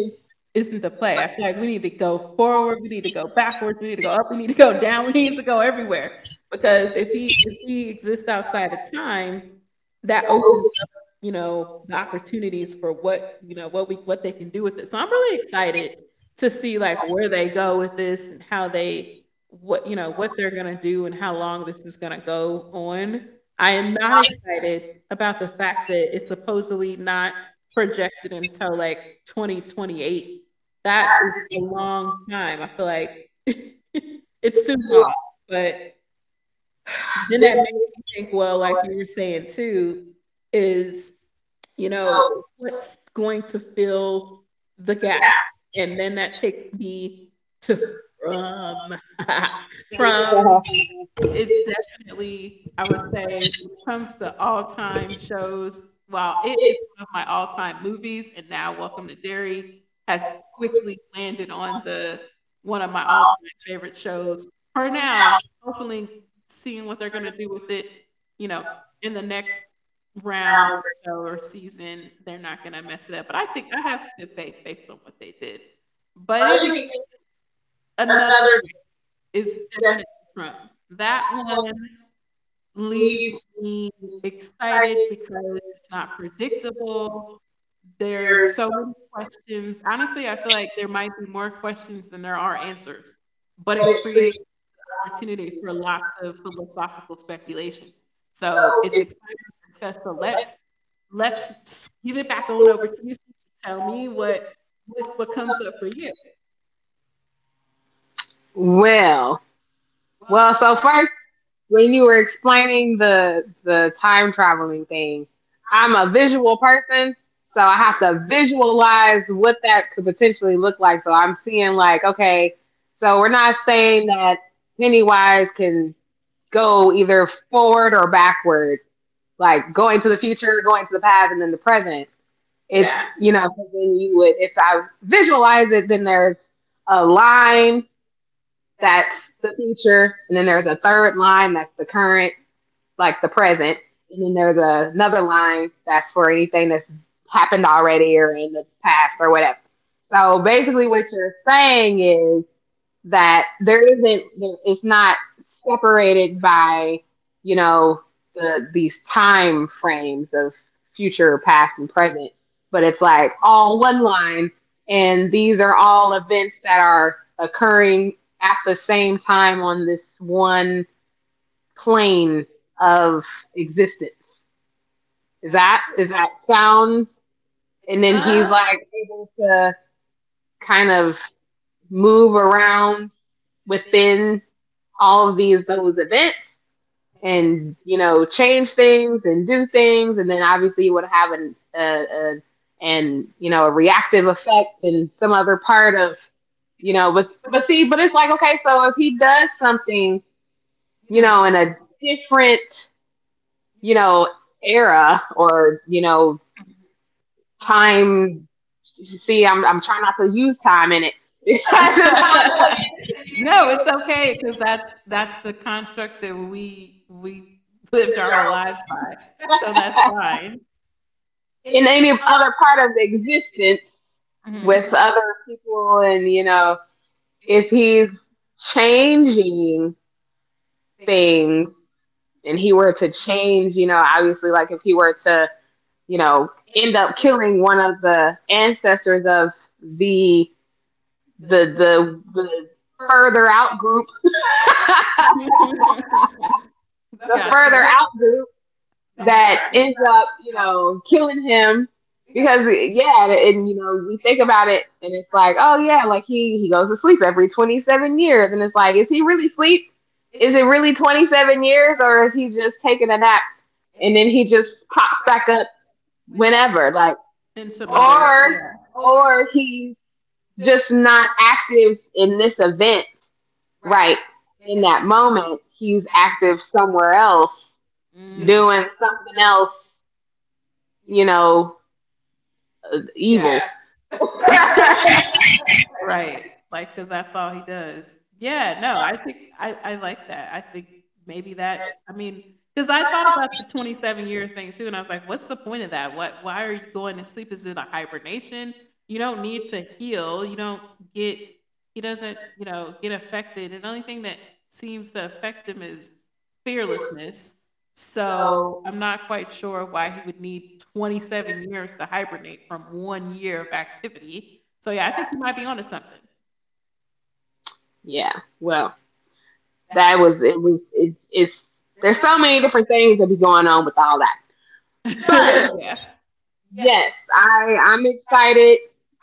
Speaker 1: isn't the play. I feel like we need to go forward, we need to go backwards, we need to go up, we need to go down, we need to go everywhere. Because if we exist outside of time, that opens up, you know, the opportunities for what, you know, what they can do with it. So I'm really excited to see where they go with this and how they what you know what they're gonna do and how long this is gonna go on. I am not excited about the fact that it's supposedly not projected until 2028. That is a long time, I feel like it's too long, but then that makes me think, well, like you were saying too, is, you know, what's going to fill the gap? And then that takes me to from from, it's definitely, I would say, when it comes to all-time shows, while it is one of my all-time movies, and now Welcome to Derry has quickly landed on the one of my all-time favorite shows for now. Hopefully, seeing what they're gonna do with it, you know, in the next round or so or season, they're not gonna mess it up. But I think I have good faith based on what they did. But it is another, is definitely Trump. That one leaves me excited because it's not predictable. There's so many questions. Honestly, I feel like there might be more questions than there are answers, but it creates opportunity for lots of philosophical speculation. So it's exciting to discuss. So let's give it back on over to you. So you can tell me what what comes up for you.
Speaker 2: well, well. So first, when you were explaining the time traveling thing, I'm a visual person, so I have to visualize what that could potentially look like. So I'm seeing like, okay, so we're not saying that Pennywise can go either forward or backward, like going to the future, going to the past, and then the present. It's,
Speaker 1: Yeah.
Speaker 2: you know, then you would, if I visualize it, then there's a line that's the future, and then there's a third line that's the current, like the present, and then there's another line that's for anything that's happened already or in the past or whatever. So basically, what you're saying is that there isn't there, it's not separated by, you know, these time frames of future, past, and present, but it's like all one line, and these are all events that are occurring at the same time on this one plane of existence. Is that, is that sound?
Speaker 1: And then
Speaker 2: And
Speaker 1: you
Speaker 2: then he's
Speaker 1: Like,
Speaker 2: like able to kind of move around within all of these those events, and you know, change things and do things, and then obviously you would have a and you know, a reactive effect in some other part of, you know. But see, but it's like, okay, so if he does something,
Speaker 1: you
Speaker 2: you
Speaker 1: know,
Speaker 2: know, in a different, you know, era, or you know, time. See, I'm trying not to use time in it.
Speaker 1: No, it's okay because that's the construct that we lived our whole lives by. So that's fine.
Speaker 2: In any other part of existence
Speaker 1: Mhm.
Speaker 2: with other people, and you know, if he's changing things and he were to change, you know, obviously, like if he were to, you know, end up killing one of the ancestors of the the further out group. The
Speaker 1: Gotcha.
Speaker 2: further out group
Speaker 1: I'm sure.
Speaker 2: that ends up, you know, killing him. Because yeah, and you know, we think about it and it's like, oh yeah, like he goes to sleep every 27 years, and it's like, is he really sleep? Is it really 27 years, or is he just taking a nap and then he just pops back up whenever, like,
Speaker 1: And some other,
Speaker 2: or
Speaker 1: yeah.
Speaker 2: or he's just not active in this event, right, in that moment. He's active somewhere else
Speaker 1: Mm.
Speaker 2: doing something else, you know,
Speaker 1: Yeah.
Speaker 2: evil. Yeah.
Speaker 1: Right, like, 'cause that's all he does. Yeah, no, I think I like that. I think maybe that I mean 'cause I thought about the 27 years thing too, and I was like, "What's the point of that? What why are you going to sleep? Is it a hibernation? You don't need to heal, you don't get, he doesn't, you know, get affected, and the only thing that seems to affect him is fearlessness, so I'm not quite sure why he would need 27 years to hibernate from 1 year of activity." So yeah, I think you might be onto something.
Speaker 2: Yeah. Well, that was it. It's there's so many different things that be going on with all that, but
Speaker 1: Yeah.
Speaker 2: yes, I'm excited.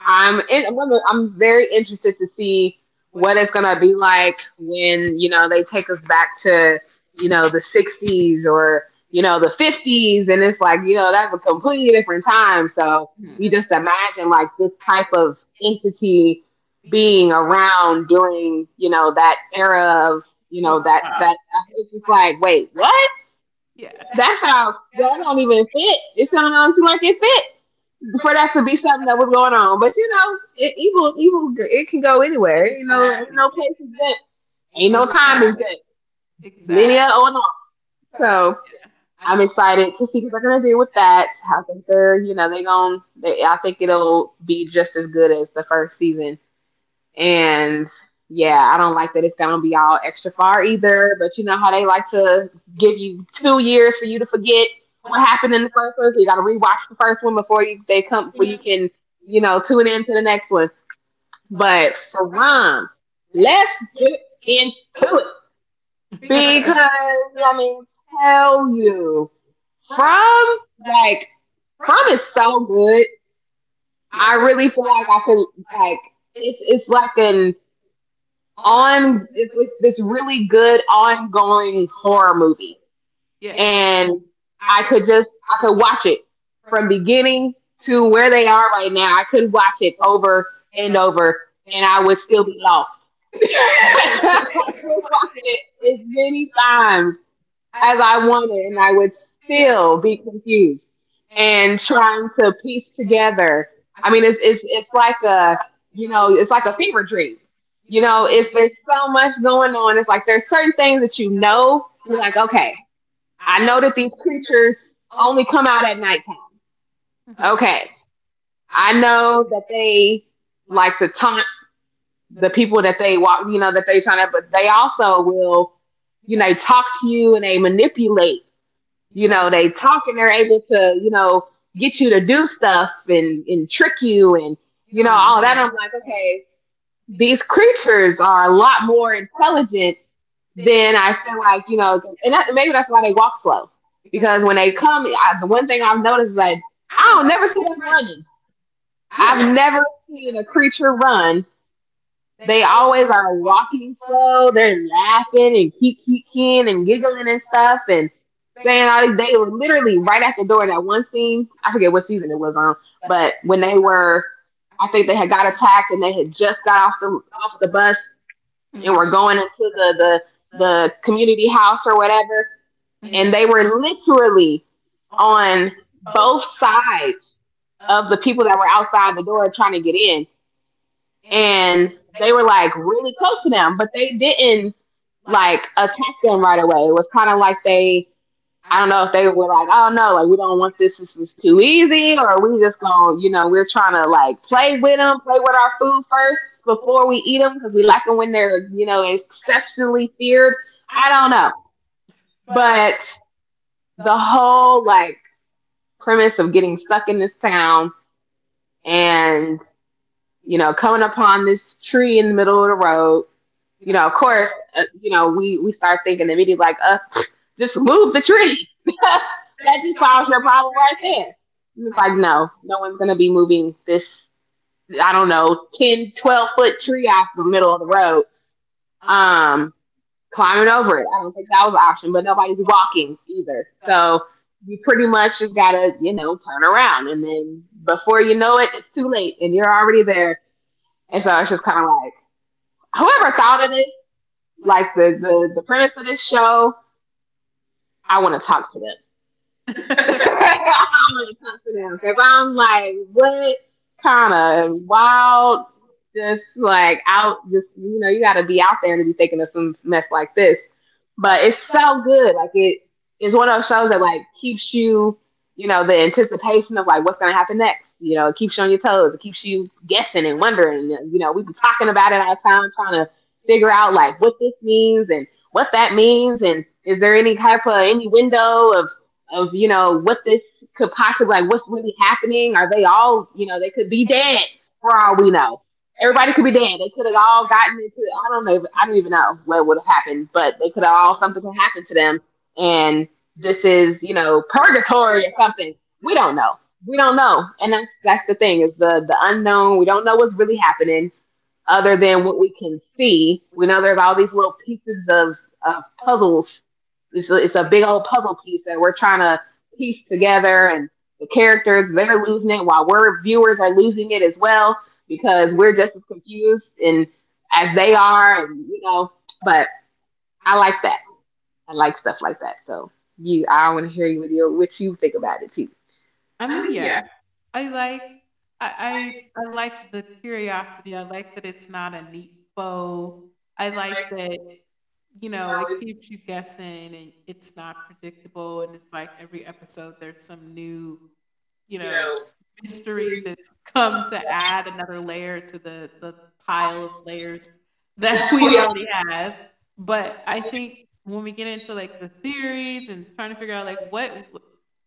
Speaker 2: I'm in, I'm gonna- I'm very interested to see what it's gonna be like when, you know, they take us back to, you know, the 60s, or you know, the 50s, and it's like, you know, that's a completely different time. So we just imagine like this type of entity being around during, you know, that era of, you
Speaker 1: Oh
Speaker 2: know, that
Speaker 1: God.
Speaker 2: it's just like, wait, what?
Speaker 1: Yeah.
Speaker 2: That's how that don't even fit. It sounds like it fits for that to be something that was going on. But you know, it, evil, evil, it can go anywhere. You know, ain't
Speaker 1: Exactly.
Speaker 2: no place is that, ain't no time is that,
Speaker 1: Exactly.
Speaker 2: linear
Speaker 1: Exactly.
Speaker 2: or not. So I'm excited to see what they're gonna do with that. I think they're, you know, they're going. They, I think it'll be just as good as the first season. And yeah, I don't like that it's gonna be all extra far either. But you know how they like to give you 2 years for you to forget what happened in the first one. So you gotta rewatch the first one before you they come before you can, you know, tune in to the next one. But for Rum, let's get into it. Because I mean, tell you, from, like, from is so good. I really feel like I could, like, it's like an on it's like this really good ongoing horror movie,
Speaker 1: Yeah. Yeah.
Speaker 2: and I could just, I could watch it from beginning to where they are right now. I could watch it over and over, and I would still be lost. I could watch it as many times as I wanted, and I would still be confused and trying to piece together. I mean, it's like a, you know, it's like a fever dream. You know, if there's so much going on, it's like there's certain things that you know. You're like, okay, I know that these creatures only come out at nighttime. Okay, I know that they like to taunt the people that they walk. You know, that they trying to, but they also will, you know, talk to you and they manipulate, you know, they talk and they're able to, you know, get you to do stuff and trick you and, you know, all that. I'm like, okay, these creatures are a lot more intelligent than I feel like, you know, and that, maybe that's why they walk slow. Because when they come, I, the one thing I've noticed is like, I don't never see them running.
Speaker 1: Yeah.
Speaker 2: I've never seen a creature run. They always are walking slow. They're laughing and keep kicking and giggling and stuff, and saying all these. They were literally right at the door in that one scene. I forget what season it was on, but when they were, I think they had got attacked, and they had just got off the bus and were going into the community house or whatever, and
Speaker 1: It.
Speaker 2: they were literally on both sides of the people that were outside the door trying to get in, and they were like really close to them, but they didn't like attack them right away. It was kind of like they, I don't know if they were like, oh no, like we don't want this. This is too easy, or we just gonna, you know, we're trying to like play with them, play with our food first before we eat them, because we like them when they're, you know, exceptionally feared. I don't know, but the whole, like, premise of getting stuck in this town and, you know, coming upon this tree in the middle of the road, you know, of course, you know, we start thinking immediately like, just move the tree. That just solves your problem right there. It's like, no, no one's gonna be moving this, I don't know, 10, 12-foot tree off the middle of the road. Um, Climbing over it, I don't think that was an option, but nobody's walking either. So you pretty much just gotta, you know, turn around, and then before you know it, it's too late, and you're already there. And so it's just kind of like, whoever thought of this, like the premise of this show, I want to talk to them. I want to talk to them because I'm like, what kind of wild, just like out, just you know, you got to be out there to be thinking of some mess like this. But it's so good. Like, it is one of those shows that like keeps you, you know, the anticipation of like what's gonna happen next. You know, it keeps you on your toes. It keeps you guessing and wondering. You know, we have been talking about it all the time, trying to figure out like what this means and what that means, and is there any type of any window of, you know, what this could possibly, like, what's really happening? Are they all, you know, they could be dead, for all we know. Everybody could be dead. They could have all gotten into it. I don't know. I don't even know what would have happened, but they could have all, something could happen to them. And this is, you know, purgatory or something. We don't know. We don't know. And that's the thing is the unknown. We don't know what's really happening other than what we can see. We know there's all these little pieces of puzzles. It's a big old puzzle piece that we're trying to piece together, and the characters they're losing it while we're viewers are losing it as well because we're just as confused and as they are, and. But I like that. I like stuff like that. So I want to hear you with your what you think about it too.
Speaker 1: I mean, yeah. I like I, I I like the curiosity. I like that it's not a neat bow. I like that, you know, it keeps you guessing and it's not predictable. And it's like every episode, there's some new, you know, mystery that's come to add another layer to the pile of layers that we already have. But I think when we get into, like, the theories and trying to figure out, like,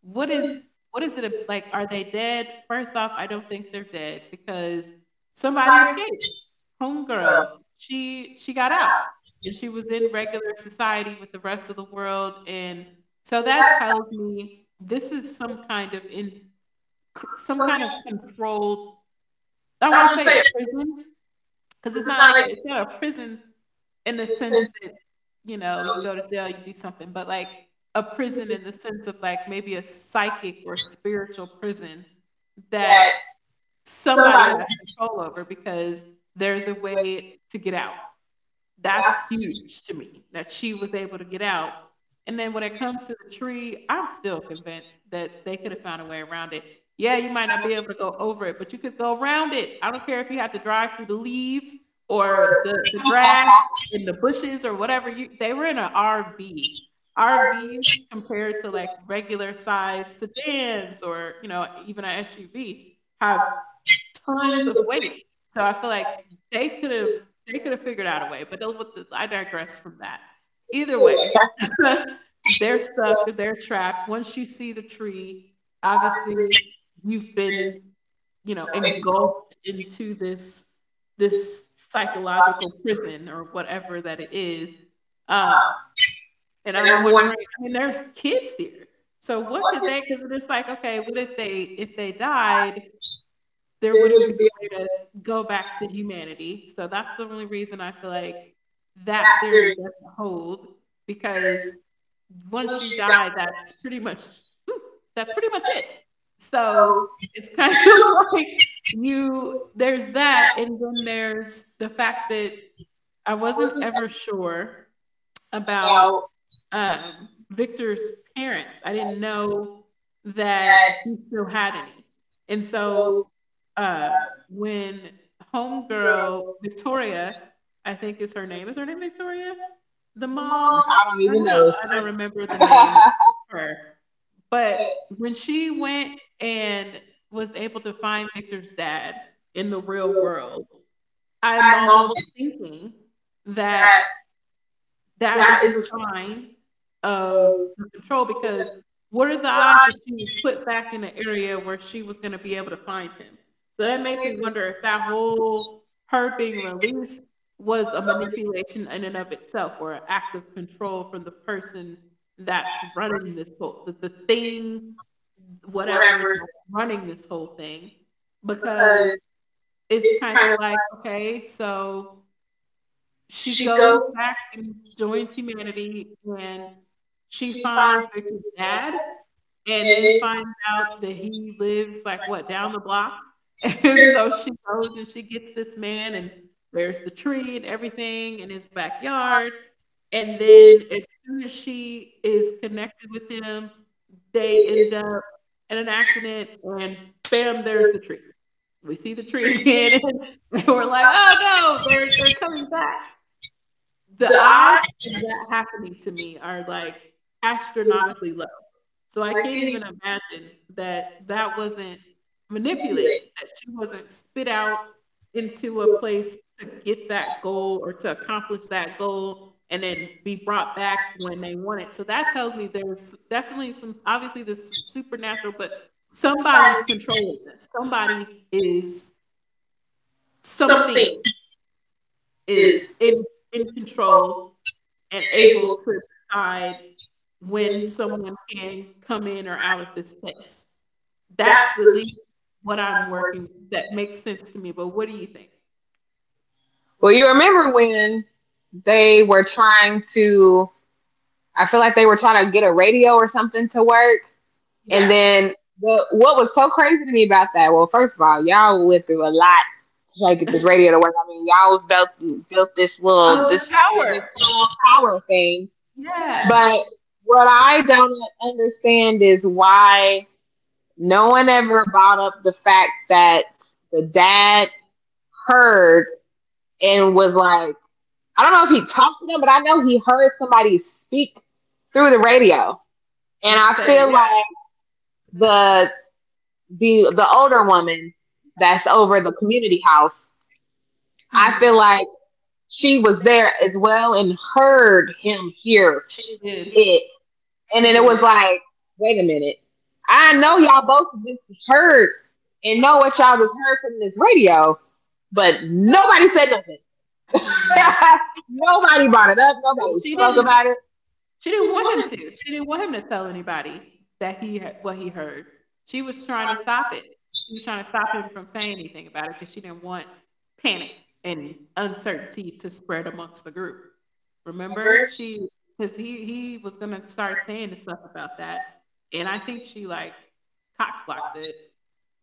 Speaker 1: what is it like, are they dead? First off, I don't think they're dead because somebody escaped. Homegirl, she got out, and she was in regular society with the rest of the world, and so that tells me this is some kind of in c some kind of controlled, I won't say a prison, because it's not like a, it's not a prison in the sense that, you know, you go to jail, you do something, but, like, a prison in the sense of, like, maybe a psychic or spiritual prison that somebody has control over because there's a way to get out. That's huge to me that she was able to get out. And then when it comes to the tree, I'm still convinced that they could have found a way around it. Yeah, you might not be able to go over it, but you could go around it. I don't care if you have to drive through the leaves or the grass in the bushes or whatever. You, they were in an RV. RVs compared to like regular size sedans or you know even an SUV have tons of weight. So I feel like they could have they could have figured out a way, but they'll with, I digress from that. Either way, they're stuck, they're trapped. Once you see the tree, obviously you've been, you know, engulfed into this psychological prison or whatever that it is. Um, and I'm wondering, I mean, there's kids here. So what could they? Because it's like, okay, what if they, if they died, there wouldn't be a way to go back to humanity. So that's the only reason I feel like that theory doesn't hold because once you die, that's pretty much it. So it's kind of like, you, there's that, and then there's the fact that I wasn't ever sure about, Victor's parents. I didn't know that he still had any. And so, uh, when homegirl Victoria, I think is her name. Is her name Victoria? The mom?
Speaker 2: I don't
Speaker 1: I'm
Speaker 2: even
Speaker 1: not,
Speaker 2: know.
Speaker 1: I don't remember the name of her. But when she went and was able to find Victor's dad in the real world, I'm almost thinking that that is a sign of the control because what are the odds that she was put back in an area where she was going to be able to find him? So that makes me wonder if that whole her being released was a manipulation in and of itself or an act of control from the person that's running this whole the thing whatever that's running this whole thing, because it's kind of like, okay, so she goes back and joins humanity, and she finds Victor's dad, and then finds out that he lives, like, what, down the block? And so she goes and she gets this man, and there's the tree and everything in his backyard, and then as soon as she is connected with him, they end up in an accident, and bam, there's the tree. We see the tree again, and we're like, "Oh no, they're coming back." The odds of that happening to me are, like, astronomically low. So I can't even imagine that that wasn't manipulated, that she wasn't spit out into a place to get that goal or to accomplish that goal and then be brought back when they want it. So that tells me there's definitely some, obviously, this supernatural, but somebody's controlling this. Somebody is, something is in control and able to decide when someone can come in or out of this space. That's the least what I'm working, that makes sense to me, but what do you think?
Speaker 2: Well, you remember when they were trying to I feel like they were trying to get a radio or something to work.
Speaker 1: Yeah.
Speaker 2: And then what was so crazy to me about that? Well, first of all, y'all went through a lot to try to get this radio to work. I mean, y'all built this
Speaker 1: Oh,
Speaker 2: little
Speaker 1: the
Speaker 2: this this
Speaker 1: power.
Speaker 2: small power thing.
Speaker 1: Yeah. But,
Speaker 2: But what I don't understand is why no one ever brought up the fact that the dad heard and was like, I don't know if he talked to them, but I know he heard somebody speak through the radio
Speaker 1: And
Speaker 2: and
Speaker 1: and
Speaker 2: I
Speaker 1: say,
Speaker 2: feel
Speaker 1: yeah.
Speaker 2: like the the older woman that's over the community house, I
Speaker 1: Mhm.
Speaker 2: feel like she was there as well and heard him hear
Speaker 1: She did.
Speaker 2: it. And
Speaker 1: She
Speaker 2: then it
Speaker 1: did.
Speaker 2: was like, wait a minute. I know y'all both just heard and know what y'all just heard from this radio, but nobody said nothing.
Speaker 1: Mhm.
Speaker 2: Nobody brought it up. Nobody
Speaker 1: she
Speaker 2: spoke
Speaker 1: didn't
Speaker 2: about it.
Speaker 1: She didn't want him to. She didn't want him to tell anybody that he had what he heard. She was trying to stop it. She was trying to stop him from saying anything about it because she didn't want panic and uncertainty to spread amongst the group. Remember, she because he was gonna start saying the stuff about that, and I think she like cock blocked it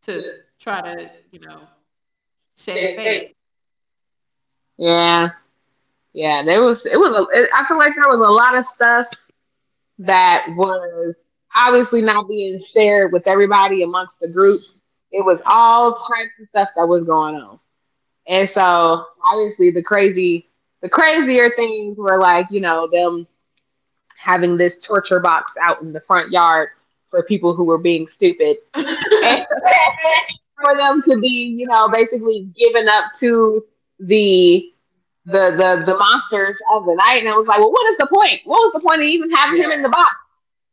Speaker 1: to try to, you know, shave face.
Speaker 2: Yeah, yeah. There was it was. A, it, I feel like there was a lot of stuff that was obviously not being shared with everybody amongst the group. It was
Speaker 1: Yeah.
Speaker 2: all types of stuff that was going on. And so obviously the crazier things were like, you know, them having this torture box out in the front yard for people who were being stupid. And for them to be, you know, basically given up to the the the monsters of the night, and I was like, well, what is the point? What was the point of even having him
Speaker 1: Yeah.
Speaker 2: in the box?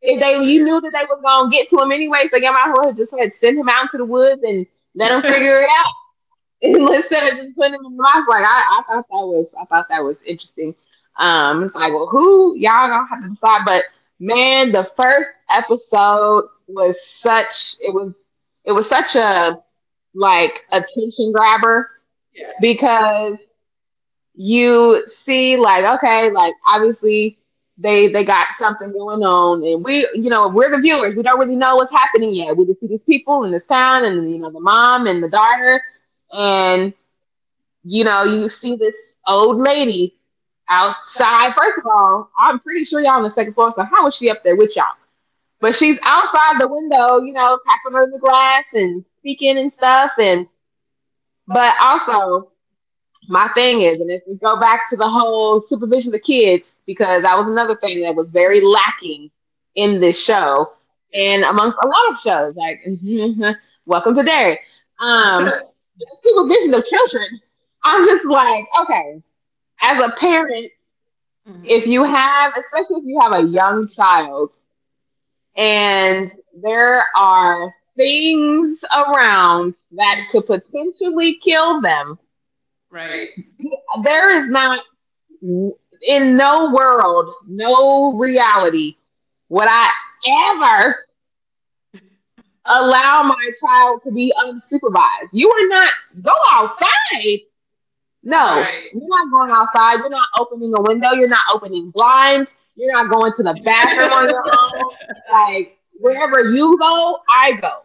Speaker 1: If
Speaker 2: If
Speaker 1: they,
Speaker 2: they
Speaker 1: true.
Speaker 2: you knew that they was gonna get to him anyway, so you might as well just had send him out into the woods and let him figure it out instead of just putting him in the mouth. Like I thought that was I thought that was interesting. It's like, well, who y'all gonna have to decide? But man, the first episode was such it was such a like attention grabber
Speaker 1: Yeah.
Speaker 2: because you see like okay like obviously they got something going on, and we you know we're the viewers, we don't really know what's happening yet, we just see these people in this town, and you know the mom and the daughter, and you know you see this old lady outside. First of all, I'm pretty sure y'all on the second floor, so how is she up there with y'all? But she's outside the window, you know, tapping on the glass and speaking and stuff. And but also my thing is, and if we go back to the whole supervision of kids, because that was another thing that was very lacking in this show and amongst a lot of shows, like Welcome to Derry. Um,
Speaker 1: Yeah.
Speaker 2: Supervision of children, I'm just like, okay, as a parent,
Speaker 1: Mhm.
Speaker 2: if you have, especially if you have a young child and there are things around that could potentially kill them,
Speaker 1: Right.
Speaker 2: there is not in no world, no reality would I ever allow my child to be unsupervised. You are not go outside. No,
Speaker 1: Right.
Speaker 2: you're not going outside. You're not opening a window. You're not opening blinds. You're not going to the bathroom on your own. Like wherever you go, I go.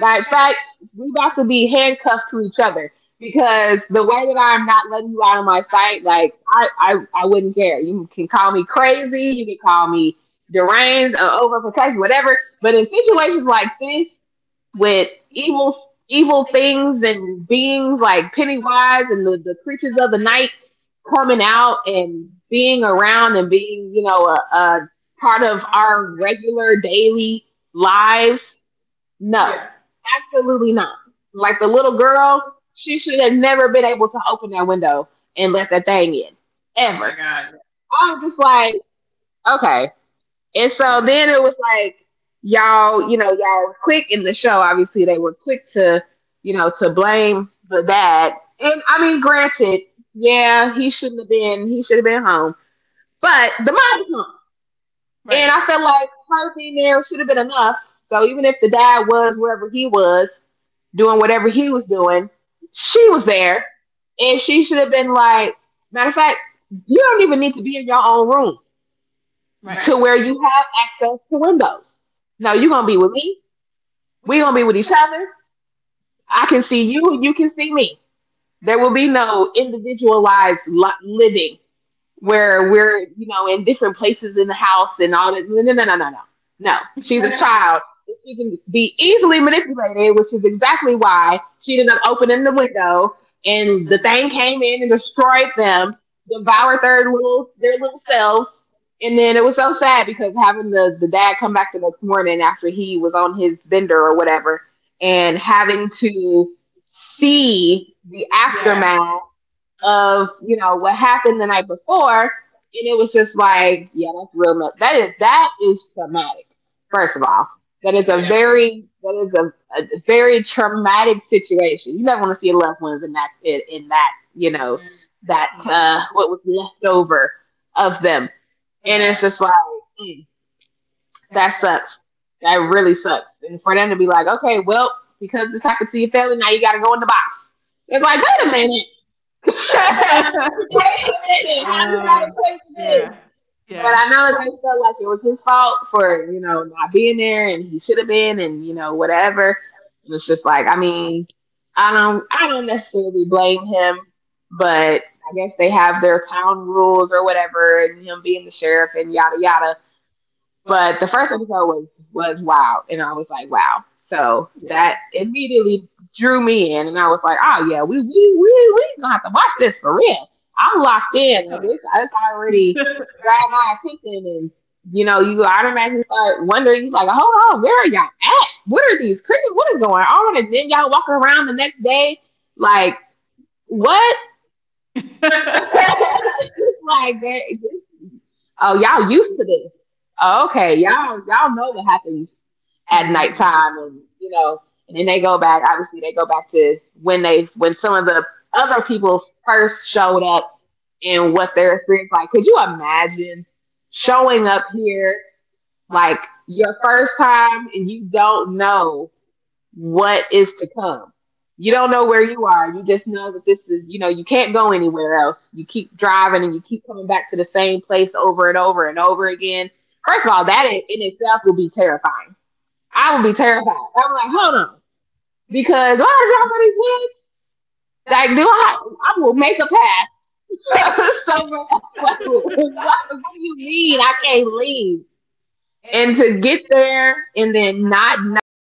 Speaker 2: Right? In fact, we about to be handcuffed to each other because the way that I'm not letting you out of my sight, like I wouldn't care. You can call me crazy. You can call me deranged, overprotective, whatever. But in situations like this, with evil things and beings like Pennywise and the creatures of the night coming out and being around and being, you know, a part of our regular daily lives. No, yeah, absolutely not. Like the little girl, she should have never been able to open that window and let that thing in, Oh ever.
Speaker 1: God.
Speaker 2: God. I was just like, okay. And so then it was like y'all, you know, y'all were quick in the show. Obviously, they were quick to, you know, to blame the dad. And I mean, granted, yeah, he shouldn't have been. He should have been home. But the mom was home, and I felt like her being there should have been enough. So even if the dad was wherever he was doing whatever he was doing, she was there, and she should have been like, matter of fact, you don't even need to be in your own room
Speaker 1: To right.
Speaker 2: to right where you have access to windows. No, you're gonna be with me. We're gonna be with each other. I can see you, and you can see me. There will be no individualized living where we're, you know, in different places in the house and all that. No, no, no, no, no, no. No, she's a child. She can be easily manipulated, which is exactly why she ended up opening the window and the
Speaker 1: Mhm.
Speaker 2: thing came in and destroyed them, devoured their little selves. And then it was so sad because having the dad come back the next morning after he was on his bender or whatever and having to see the yeah aftermath of you know what happened the night before, and it was just like, yeah, that's real. That is traumatic. First of all, that is a very that is a very traumatic situation. You never want to see your loved ones in in that you know
Speaker 1: Mm-hmm.
Speaker 2: that
Speaker 1: Yeah.
Speaker 2: what was left over of them, and it's just like mm, that sucks. That really sucks. And for them to be like, okay, well, because this happened to your family, now you got to go in the box. It's like, wait a minute. Equation minute. How does that equate to this? But I know that they felt like it was his fault for, you know, not being there and he should have been and, you know, whatever. And it's just like, I mean, I don't necessarily blame him, but I guess they have their town rules or whatever and him being the sheriff and yada yada. But the first episode was wow, and I was like, wow. So
Speaker 1: You know, yeah.
Speaker 2: that immediately drew me in, and I was like, oh yeah, we we gonna have to watch this for real. I'm locked in.
Speaker 1: Oh,
Speaker 2: Like this already grabbed my attention, and you know, you automatically start wondering, you like, hold on, where are y'all at? What are these crickets? What is going on? And then y'all walking around the next day, like, what? It's like, oh, y'all used to this. Oh, okay, y'all know what happens at
Speaker 1: Mm.
Speaker 2: nighttime and you know and then they go back obviously they go back to when they when some of the other people first showed up and what their experience like. Could you imagine showing up here, like your first time, and you don't know what is to come? You don't know where you are, you just know that this is you know you can't go anywhere else, you keep driving and you keep coming back to the same place over and over and over again. First of all, that in itself will be terrifying. I would be terrified. I'm like, hold on, because why did y'all really win? Like, do I? I will make a pass. So what do you mean? I can't leave and to get there and then not know.